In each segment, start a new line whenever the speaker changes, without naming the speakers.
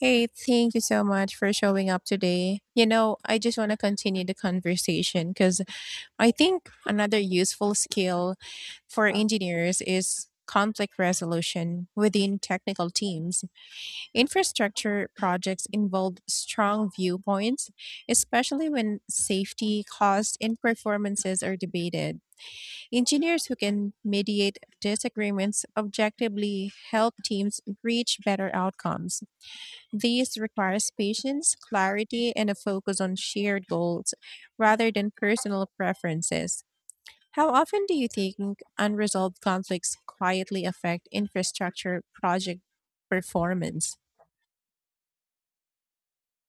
Hey, thank you so much for showing up today. You know, I just want to continue the conversation because I think another useful skill for engineers is conflict resolution within technical teams. Infrastructure projects involve strong viewpoints, especially when safety, cost, and performances are debated. Engineers who can mediate disagreements objectively help teams reach better outcomes. This requires patience, clarity, and a focus on shared goals rather than personal preferences. How often do you think unresolved conflicts quietly affect infrastructure project performance?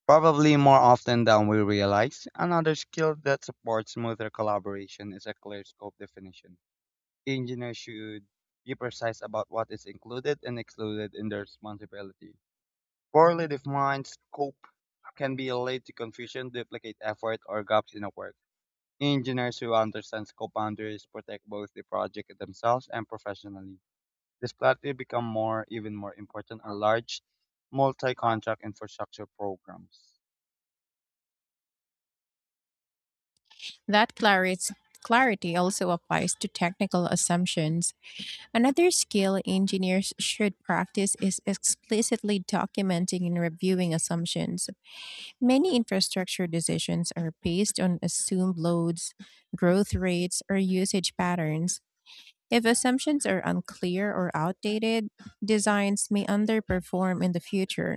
Probably more often than we realize, another skill that supports smoother collaboration is a clear scope definition. Engineers should be precise about what is included and excluded in their responsibility. Poorly defined scope can be lead to confusion, duplicate effort, or gaps in the work. Engineers who understand scope boundaries protect both the project themselves and professionally. This platform become even more important in large multi-contract infrastructure programs.
That clarity Clarity also applies to technical assumptions. Another skill engineers should practice is explicitly documenting and reviewing assumptions. Many infrastructure decisions are based on assumed loads, growth rates, or usage patterns. If assumptions are unclear or outdated, designs may underperform in the future.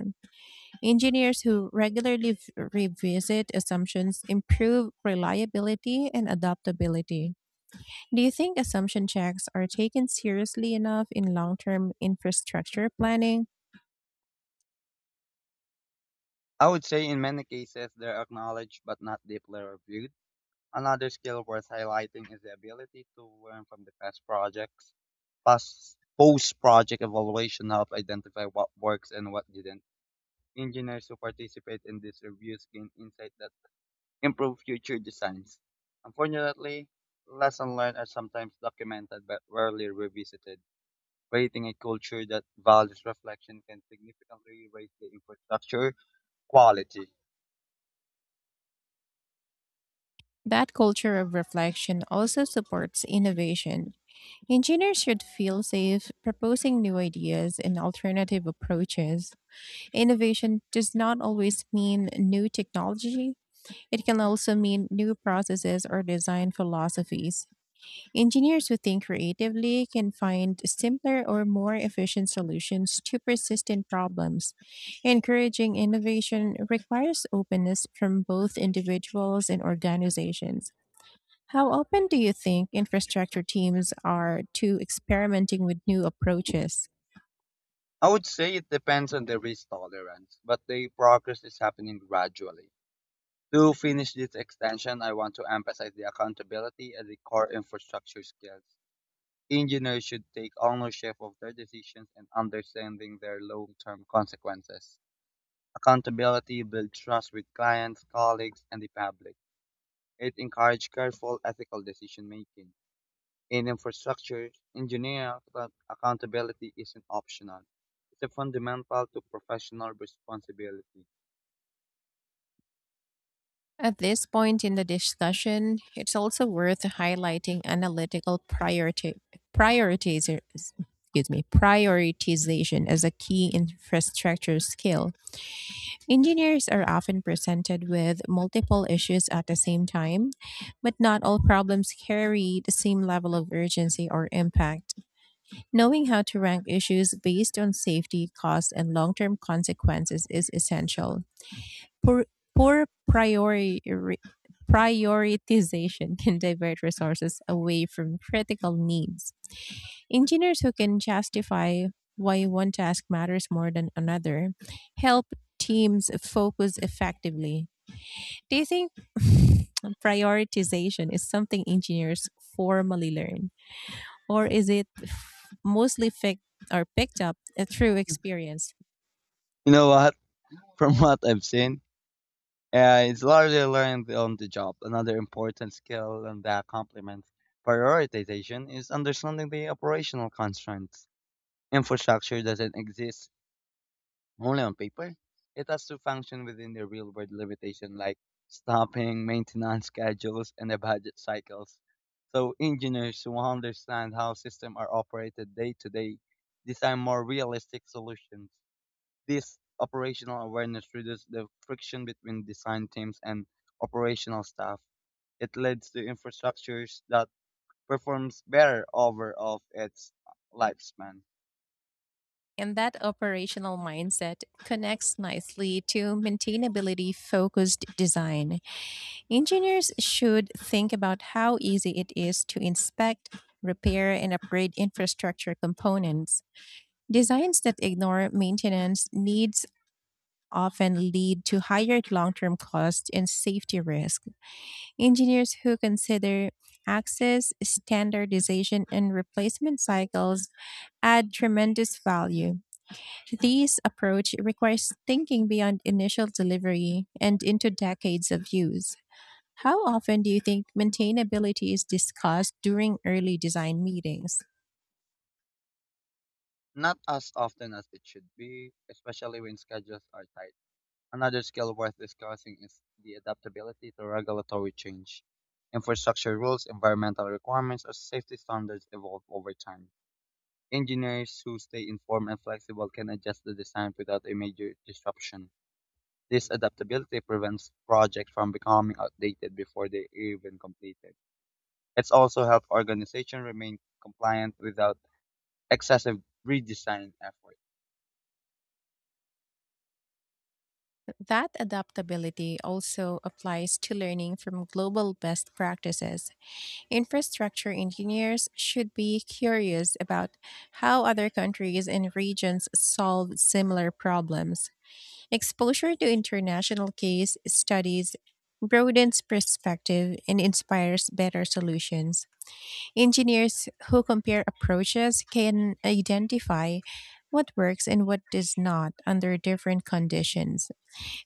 Engineers who regularly revisit assumptions improve reliability and adaptability. Do you think assumption checks are taken seriously enough in long term infrastructure planning?
I would say in many cases they're acknowledged but not deeply reviewed. Another skill worth highlighting is the ability to learn from the past projects. Past Post project evaluation help identify what works and what didn't. Engineers who participate in these reviews gain insight that improve future designs. Unfortunately, lessons learned are sometimes documented but rarely revisited. Creating a culture that values reflection can significantly raise the infrastructure quality.
That culture of reflection also supports innovation. Engineers should feel safe proposing new ideas and alternative approaches. Innovation does not always mean new technology, it can also mean new processes or design philosophies. Engineers who think creatively can find simpler or more efficient solutions to persistent problems. Encouraging innovation requires openness from both individuals and organizations. How often do you think infrastructure teams are to experimenting with new approaches?
I would say it depends on the risk tolerance, but the progress is happening gradually. To finish this extension, I want to emphasize the accountability and the core infrastructure skills. Engineers should take ownership of their decisions and understanding their long-term consequences. Accountability builds trust with clients, colleagues, and the public. It encourages careful ethical decision making. In infrastructure engineering, accountability isn't optional. It's a fundamental to professional responsibility.
At this point in the discussion, it's also worth highlighting analytical priority prioritizer excuse me, prioritization as a key infrastructure skill. Engineers are often presented with multiple issues at the same time, but not all problems carry the same level of urgency or impact. Knowing how to rank issues based on safety, cost, and long term consequences is essential. Poor, poor priori, re- prioritization can divert resources away from critical needs. Engineers who can justify why one task matters more than another help teams focus effectively. Do you think prioritization is something engineers formally learn, or is it mostly fixed or picked up through experience?
You know what? From what I've seen, it's largely learned on the job. Another important skill and that complements prioritization is understanding the operational constraints. Infrastructure doesn't exist only on paper, it has to function within the real world limitation like stopping, maintenance schedules, and the budget cycles. So engineers who understand how systems are operated day to day design more realistic solutions. This operational awareness reduces the friction between design teams and operational staff. It leads to infrastructures that performs better over of its lifespan.
And that operational mindset connects nicely to maintainability focused design. Engineers should think about how easy it is to inspect, repair, and upgrade infrastructure components. Designs that ignore maintenance needs often lead to higher long term costs and safety risk. Engineers who consider access, standardization, and replacement cycles add tremendous value. This approach requires thinking beyond initial delivery and into decades of use. How often do you think maintainability is discussed during early design meetings?
Not as often as it should be, especially when schedules are tight. Another skill worth discussing is the adaptability to regulatory change. Infrastructure rules, environmental requirements, or safety standards evolve over time. Engineers who stay informed and flexible can adjust the design without a major disruption. This adaptability prevents projects from becoming outdated before they even completed. It's also helped organizations remain compliant without excessive redesign effort.
That adaptability also applies to learning from global best practices. Infrastructure engineers should be curious about how other countries and regions solve similar problems. Exposure to international case studies broadens perspective and inspires better solutions. Engineers who compare approaches can identify what works and what does not under different conditions.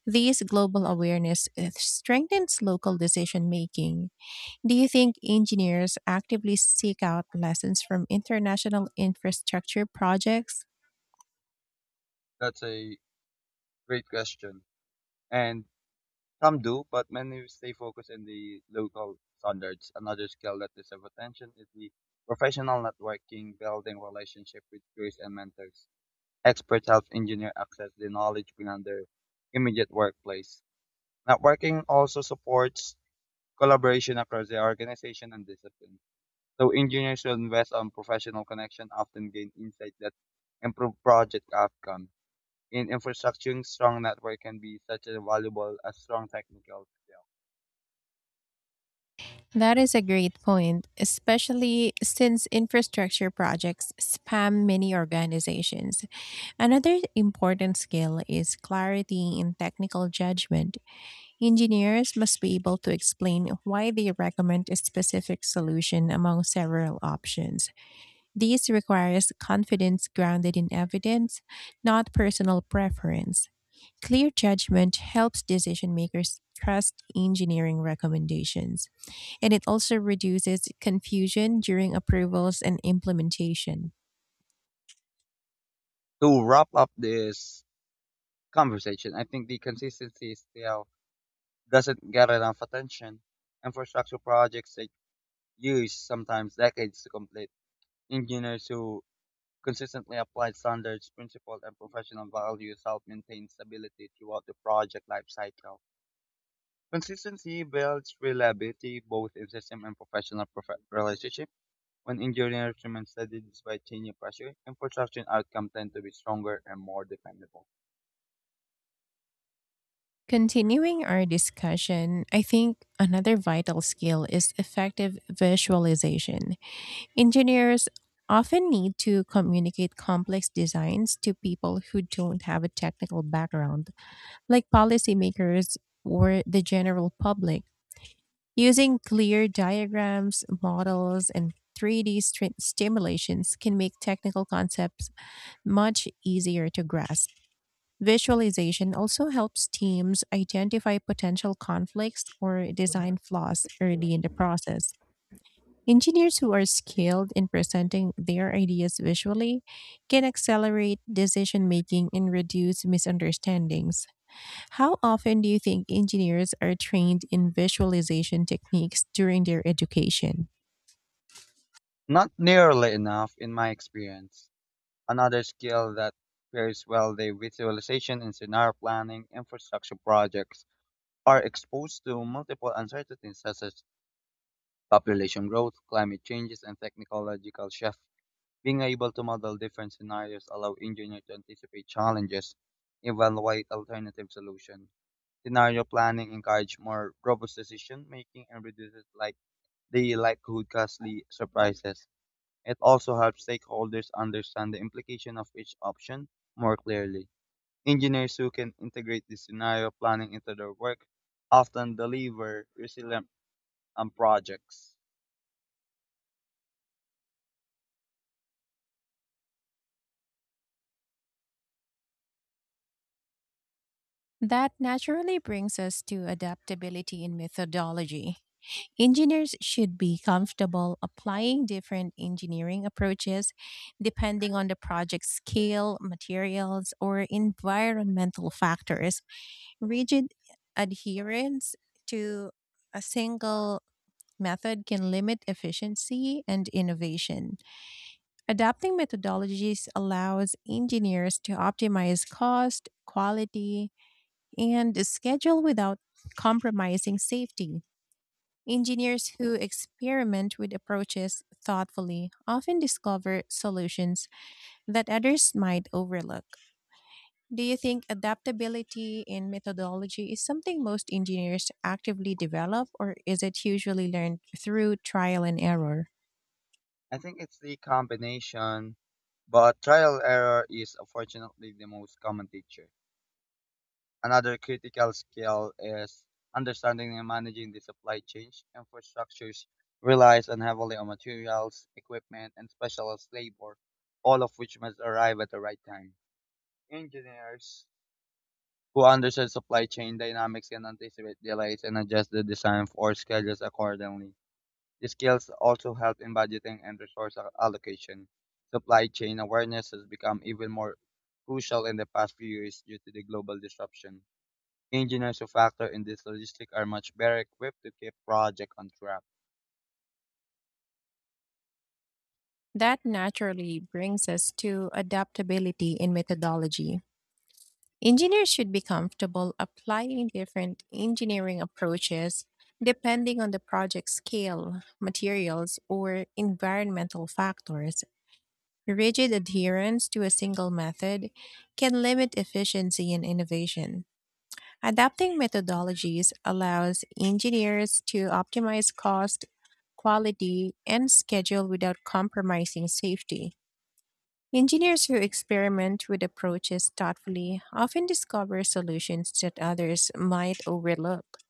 This global awareness strengthens local decision making. Do you think engineers actively seek out lessons from international infrastructure projects?
That's a Great question. And some do, but many stay focused in the local standards. Another skill that deserves attention is the professional networking, building relationship with peers and mentors. Experts help engineer access the knowledge beyond their immediate workplace. Networking also supports collaboration across the organization and discipline. So engineers who invest on professional connection often gain insight that improve project outcomes. In infrastructuring, strong network can be such as valuable as strong technical skill.
That is a great point, especially since infrastructure projects spam many organizations. Another important skill is clarity in technical judgment. Engineers must be able to explain why they recommend a specific solution among several options. This requires confidence grounded in evidence, not personal preference. Clear judgment helps decision makers trust engineering recommendations, and it also reduces confusion during approvals and implementation.
To wrap up this conversation, I think the consistency still doesn't get enough attention. Infrastructure projects take years, sometimes decades to complete. Engineers who consistently apply standards, principles, and professional values help maintain stability throughout the project life cycle. Consistency builds reliability both in system and professional relationships. When engineering instruments study this by changing pressure, infrastructure outcomes tend to be stronger and more dependable.
Continuing our discussion, I think another vital skill is effective visualization. Engineers often need to communicate complex designs to people who don't have a technical background, like policymakers or the general public. Using clear diagrams, models, and 3D stimulations can make technical concepts much easier to grasp. Visualization also helps teams identify potential conflicts or design flaws early in the process. Engineers who are skilled in presenting their ideas visually can accelerate decision making and reduce misunderstandings. How often do you think engineers are trained in visualization techniques during their education?
Not nearly enough, in my experience. Another skill that pairs well the visualization and scenario planning infrastructure projects are exposed to multiple uncertainties such as population growth, climate changes, and technological shifts. Being able to model different scenarios allow engineers to anticipate challenges, evaluate alternative solutions, scenario planning encourages more robust decision making and reduces like the likelihood costly surprises. It also helps stakeholders understand the implication of each option more clearly. Engineers who can integrate this scenario planning into their work often deliver resilient projects.
That naturally brings us to adaptability in methodology. Engineers should be comfortable applying different engineering approaches depending on the project scale, materials, or environmental factors. Rigid adherence to a single method can limit efficiency and innovation. Adapting methodologies allows engineers to optimize cost, quality, and schedule without compromising safety. Engineers who experiment with approaches thoughtfully often discover solutions that others might overlook. Do you think adaptability in methodology is something most engineers actively develop, or is it usually learned through trial and error?
I think it's the combination, but trial error is unfortunately the most common teacher. Another critical skill is understanding and managing the supply chain. Infrastructures relies on heavily on materials, equipment, and specialized labor, all of which must arrive at the right time. Engineers who understand supply chain dynamics can anticipate delays and adjust the design or schedules accordingly. The skills also help in budgeting and resource allocation. Supply chain awareness has become even more crucial in the past few years due to the global disruption. Engineers who factor in this logistic are much better equipped to keep project on track.
That naturally brings us to adaptability in methodology. Engineers should be comfortable applying different engineering approaches depending on the project scale, materials, or environmental factors. Rigid adherence to a single method can limit efficiency and innovation. Adapting methodologies allows engineers to optimize cost, quality, and schedule without compromising safety. Engineers who experiment with approaches thoughtfully often discover solutions that others might overlook.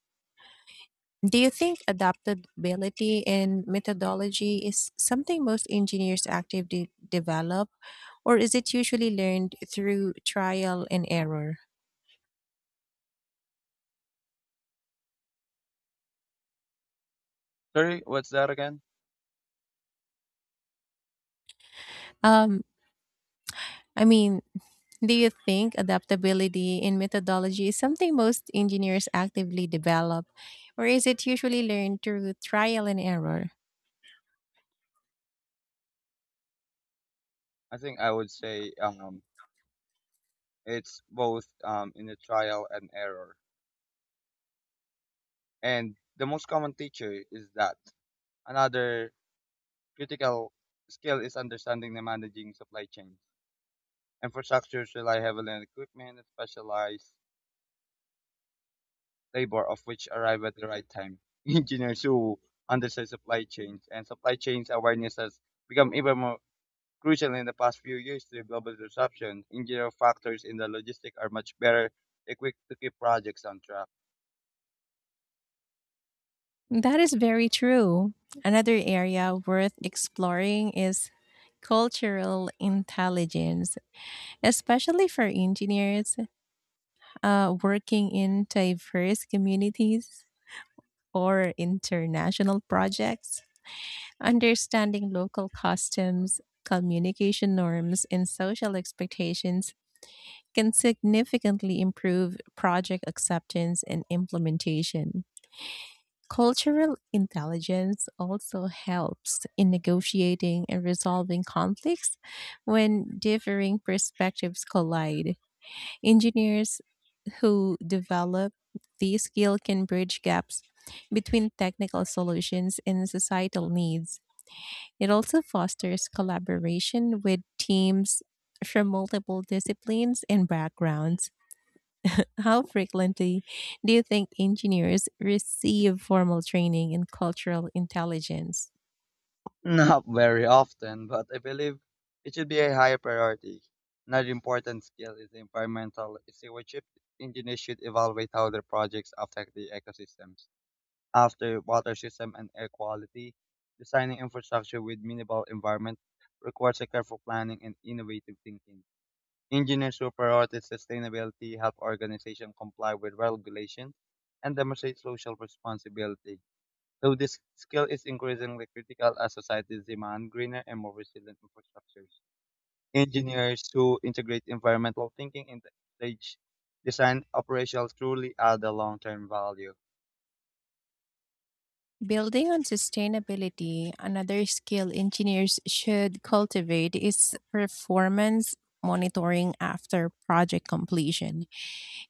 Do you think adaptability in methodology is something most engineers actively develop, or is it usually learned through trial and error?
Sorry, what's that again?
Um, I mean, Do you think adaptability in methodology is something most engineers actively develop, or is it usually learned through trial and error?
I think I would say it's both in the trial and error. And the most common teacher is that. Another critical skill is understanding and managing supply chain. Infrastructures rely heavily on equipment and specialized labor, of which arrive at the right time. Engineers who understand supply chains awareness has become even more crucial in the past few years to global disruption, engineering factors in the logistics are much better equipped to keep projects on track.
That is very true. Another area worth exploring is cultural intelligence, especially for engineers working in diverse communities or international projects. Understanding local customs, communication norms, and social expectations can significantly improve project acceptance and implementation. Cultural intelligence also helps in negotiating and resolving conflicts when differing perspectives collide. Engineers who develop this skill can bridge gaps between technical solutions and societal needs. It also fosters collaboration with teams from multiple disciplines and backgrounds. How frequently do you think engineers receive formal training in cultural intelligence?
Not very often, but I believe it should be a higher priority. Another important skill is environmental stewardship. Engineers should evaluate how their projects affect the ecosystems, after water system and air quality. Designing infrastructure with minimal environment requires a careful planning and innovative thinking. Engineers who prioritize sustainability help organizations comply with regulations and demonstrate social responsibility. Though this skill is increasingly critical as societies demand greener and more resilient infrastructures. Engineers who integrate environmental thinking into stage design operations truly add a long-term value.
Building on sustainability, another skill engineers should cultivate is performance monitoring after project completion.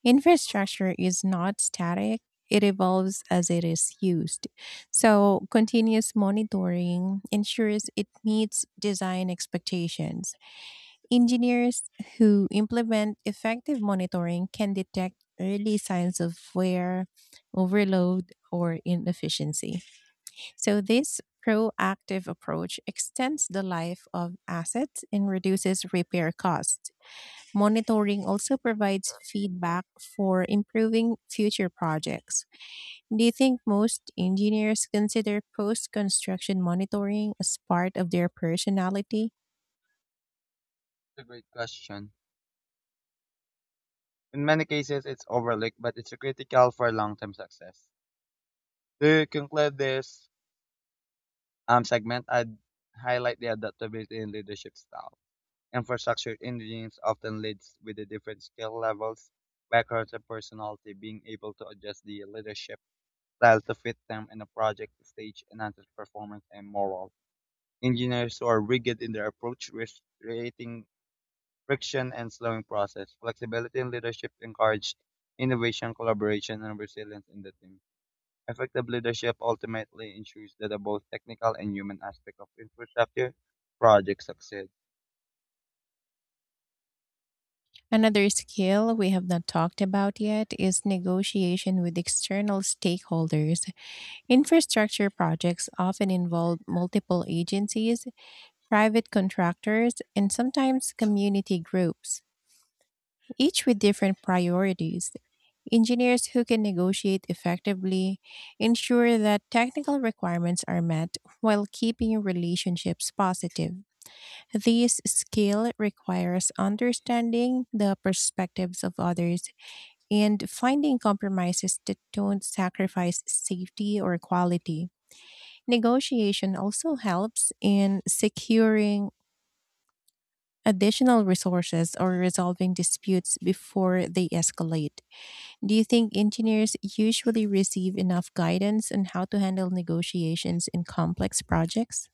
Infrastructure is not static, it evolves as it is used. So, continuous monitoring ensures it meets design expectations. Engineers who implement effective monitoring can detect early signs of wear, overload, or inefficiency. So, this proactive approach extends the life of assets and reduces repair costs. Monitoring also provides feedback for improving future projects. Do you think most engineers consider post construction monitoring as part of their personality?
It's a great question. In many cases, it's overlooked, but it's critical for long-term success. To conclude this segment, I'd highlight the adaptability in leadership style. Infrastructure engineers often leads with the different skill levels, backgrounds, and personality, being able to adjust the leadership style to fit them in a project stage enhances performance and morale. Engineers who are rigid in their approach, risk creating friction and slowing process. Flexibility in leadership encourage innovation, collaboration, and resilience in the team. Effective leadership ultimately ensures that the both technical and human aspect of infrastructure projects succeed.
Another skill we have not talked about yet is negotiation with external stakeholders. Infrastructure projects often involve multiple agencies, private contractors, and sometimes community groups, each with different priorities. Engineers who can negotiate effectively ensure that technical requirements are met while keeping relationships positive. This skill requires understanding the perspectives of others and finding compromises that don't sacrifice safety or quality. Negotiation also helps in securing additional resources or resolving disputes before they escalate. Do you think engineers usually receive enough guidance on how to handle negotiations in complex projects?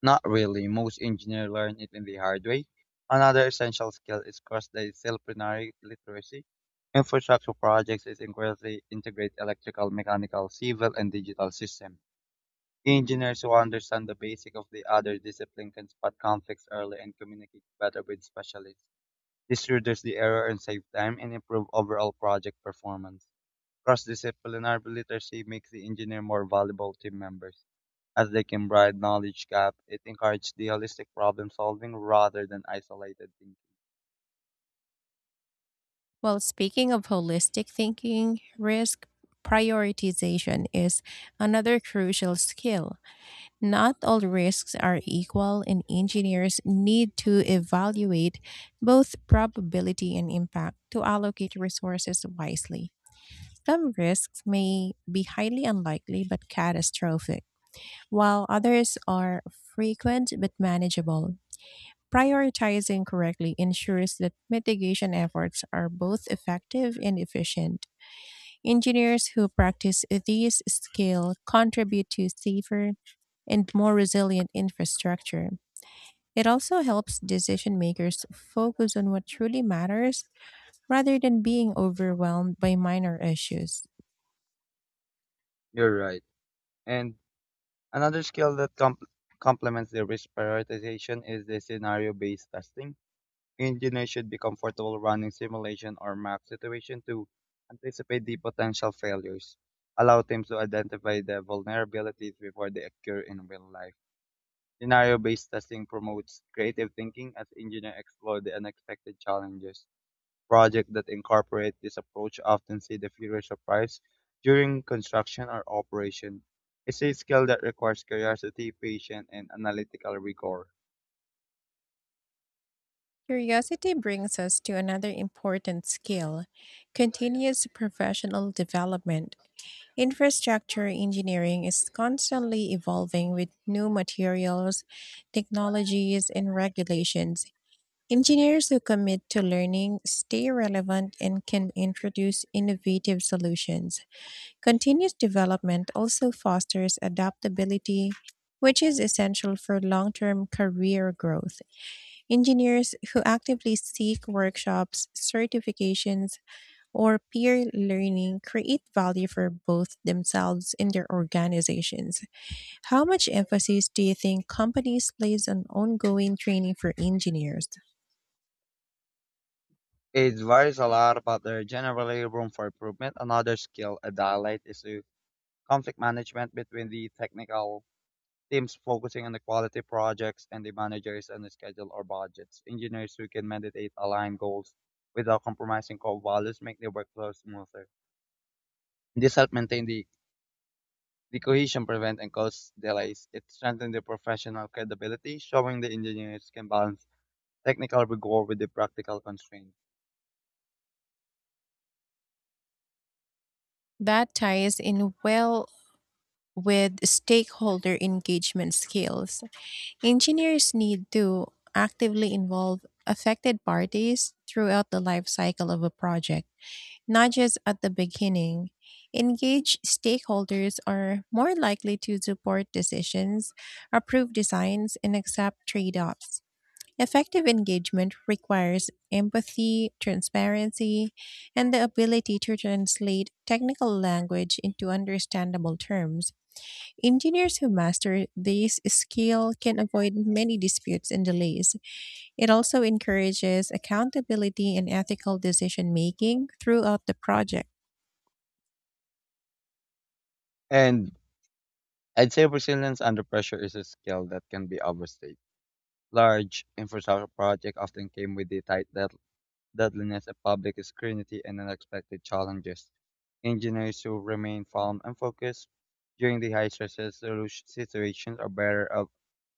Not really. Most engineers learn it in the hard way. Another essential skill is cross-disciplinary literacy. Infrastructure projects is incredibly integrate electrical, mechanical, civil, and digital systems. Engineers who understand the basic of the other discipline can spot conflicts early and communicate better with specialists. This reduces the error and save time and improve overall project performance. Cross-disciplinary literacy makes the engineer more valuable team members as they can bridge knowledge gap. It encourages the holistic problem solving rather than isolated thinking.
Well, speaking of holistic thinking, risk prioritization is another crucial skill. Not all risks are equal, and engineers need to evaluate both probability and impact to allocate resources wisely. Some risks may be highly unlikely but catastrophic, while others are frequent but manageable. Prioritizing correctly ensures that mitigation efforts are both effective and efficient. Engineers who practice these skills contribute to safer and more resilient infrastructure. It also helps decision makers focus on what truly matters rather than being overwhelmed by minor issues.
You're right. And another skill that complements the risk prioritization is the scenario based testing. Engineers should be comfortable running simulation or map situation to anticipate the potential failures, allow teams to identify the vulnerabilities before they occur in real life. Scenario based testing promotes creative thinking as engineers explore the unexpected challenges. Projects that incorporate this approach often see the fewer surprises during construction or operation. It's a skill that requires curiosity, patience, and analytical rigor.
Curiosity brings us to another important skill, continuous professional development. Infrastructure engineering is constantly evolving with new materials, technologies, and regulations. Engineers who commit to learning stay relevant and can introduce innovative solutions. Continuous development also fosters adaptability, which is essential for long term career growth. Engineers who actively seek workshops, certifications, or peer learning create value for both themselves and their organizations. How much emphasis do you think companies place on ongoing training for engineers?
It varies a lot, but there's generally room for improvement. Another skill a highlight is the conflict management between the technical teams focusing on the quality projects and the managers on the schedule or budgets. Engineers who can meditate align goals without compromising core values make the workflow smoother. This helps maintain the cohesion prevented and caused delays. It strengthened the professional credibility, showing the engineers can balance technical rigor with the practical constraints.
That ties in well with stakeholder engagement skills. Engineers need to actively involve affected parties throughout the life cycle of a project, not just at the beginning. Engaged stakeholders are more likely to support decisions, approve designs, and accept trade offs. Effective engagement requires empathy, transparency, and the ability to translate technical language into understandable terms. Engineers who master this skill can avoid many disputes and delays. It also encourages accountability and ethical decision making throughout the project.
And I'd say resilience under pressure is a skill that can be overstated. Large infrastructure projects often came with the tight deadliness of public scrutiny and unexpected challenges. Engineers who remain calm and focused during the high stress solution situations are better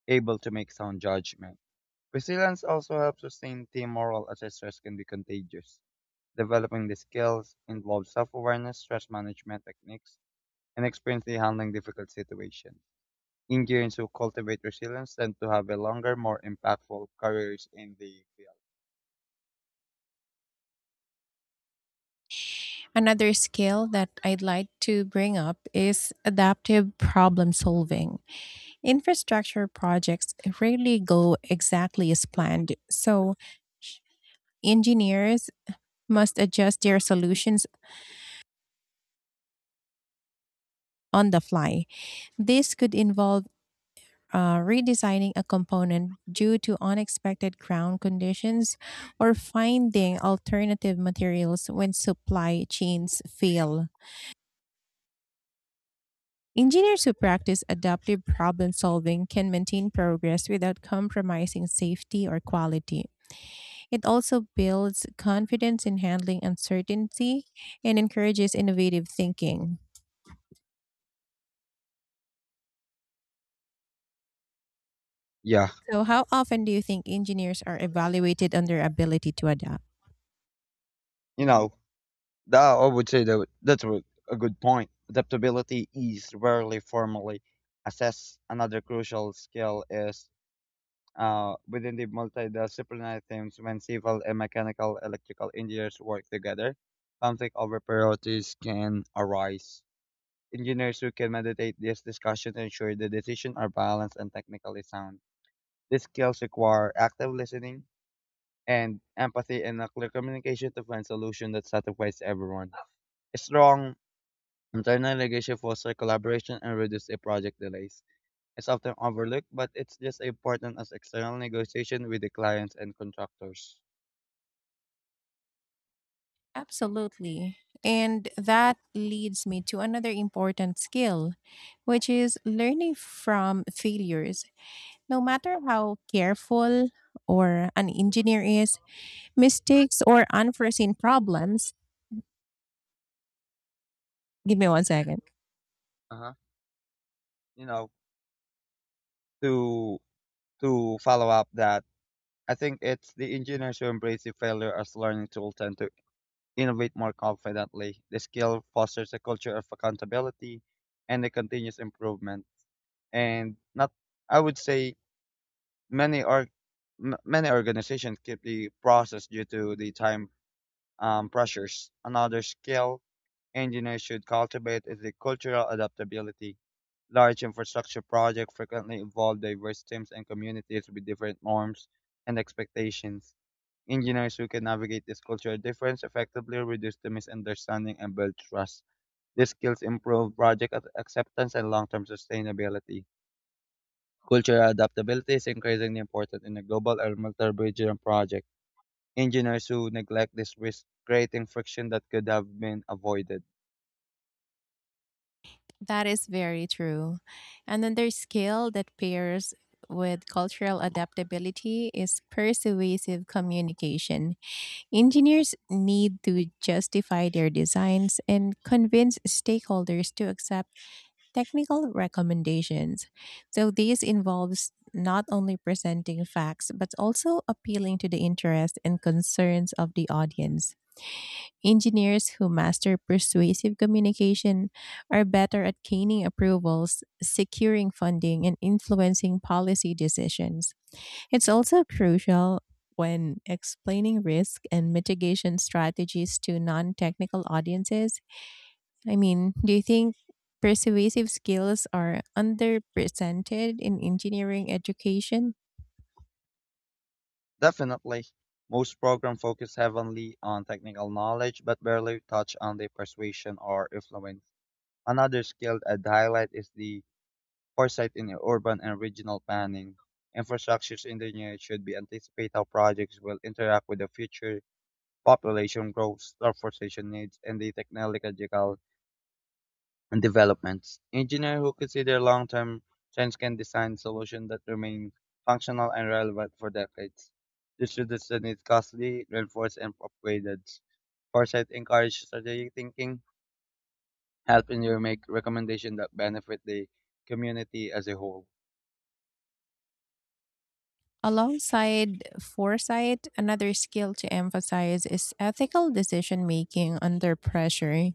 able to make sound judgment. Resilience also helps sustain team morale as stress can be contagious. Developing the skills involves self-awareness, stress management techniques, and experience in handling difficult situations. Engineers who cultivate resilience tend to have a longer, more impactful careers in the field.
Another skill that I'd like to bring up is adaptive problem solving. Infrastructure projects rarely go exactly as planned, so engineers must adjust their solutions on the fly. This could involve redesigning a component due to unexpected ground conditions or finding alternative materials when supply chains fail. Engineers who practice adaptive problem solving can maintain progress without compromising safety or quality. It also builds confidence in handling uncertainty and encourages innovative thinking.
Yeah,
So, how often do you think engineers are evaluated on their ability to adapt?
you know, that I would say that's a good point. Adaptability is rarely formally assessed. Another crucial skill is within the multidisciplinary teams when civil and mechanical electrical engineers work together, conflict over priorities can arise. Engineers who can mediate these discussions ensure the decisions are balanced and technically sound. These skills require active listening and empathy and a clear communication to find solutions that satisfies everyone. A strong internal leadership fosters collaboration and reduces project delays is often overlooked, but it's just as important as external negotiation with the clients and contractors.
Absolutely. And that leads me to another important skill, which is learning from failures. No matter how careful or an engineer is, mistakes or unforeseen problems. Give me one second.
Uh-huh. You know, to to follow up that, I think it's the engineers who embrace the failure as learning tool tend to innovate more confidently. The skill fosters a culture of accountability and a continuous improvement. And not, I would say, many many organizations keep the process due to the time pressures. Another skill engineers should cultivate is the cultural adaptability. Large infrastructure projects frequently involve diverse teams and communities with different norms and expectations. Engineers who can navigate this cultural difference effectively reduce the misunderstanding and build trust. These skills improve project acceptance and long term sustainability. Cultural adaptability is increasingly important in a global or multi-regional project. Engineers who neglect this risk creating friction that could have been avoided.
That is very true. And then there's skill that pairs with cultural adaptability is persuasive communication. Engineers need to justify their designs and convince stakeholders to accept technical recommendations. So, this involves not only presenting facts, but also appealing to the interests and concerns of the audience. Engineers who master persuasive communication are better at gaining approvals, securing funding, and influencing policy decisions. It's also crucial when explaining risk and mitigation strategies to non technical audiences. I mean, do you think persuasive skills are underrepresented in engineering education?
Definitely. Most programs focus heavily on technical knowledge but barely touch on the persuasion or influence. Another skill I'd highlight is the foresight in urban and regional planning. Infrastructure engineers should be anticipate how projects will interact with the future population growth, transportation needs, and the technological and developments. Engineers who consider long-term trends can design solutions that remain functional and relevant for decades. This reduces need costly, reinforce and upgraded. Foresight encourage strategic thinking, helping you make recommendations that benefit the community as a whole.
Alongside foresight, another skill to emphasize is ethical decision making under pressure.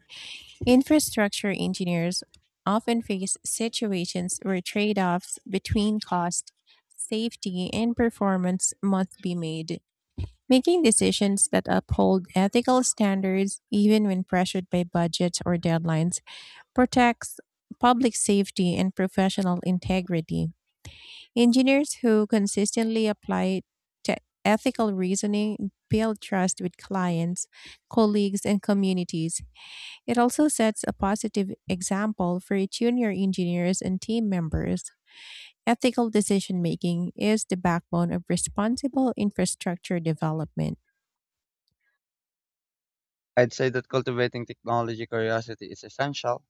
Infrastructure engineers often face situations where trade offs between cost, safety, and performance must be made. Making decisions that uphold ethical standards, even when pressured by budgets or deadlines, protects public safety and professional integrity. Engineers who consistently apply te- ethical reasoning build trust with clients, colleagues, and communities. It also sets a positive example for junior engineers and team members. Ethical decision making is the backbone of responsible infrastructure development.
I'd say that cultivating technology curiosity is essential.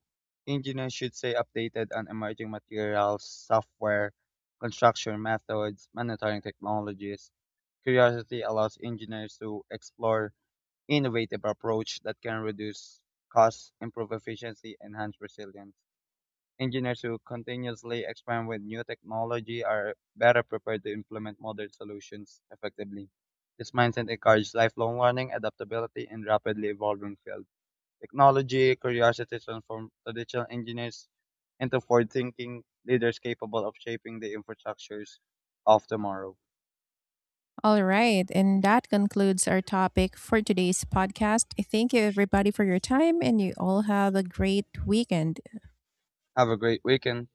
Engineers should stay updated on emerging materials, software, construction methods, monitoring technologies. Curiosity allows engineers to explore innovative approach that can reduce costs, improve efficiency, enhance resilience. Engineers who continuously experiment with new technology are better prepared to implement modern solutions effectively. This mindset encourages lifelong learning, adaptability, and rapidly evolving fields. Technology curiosity transformed traditional engineers into forward-thinking leaders capable of shaping the infrastructures of tomorrow.
All right, and that concludes our topic for today's podcast. Thank you, everybody, for your time, and you all have a great weekend.
Have a great weekend.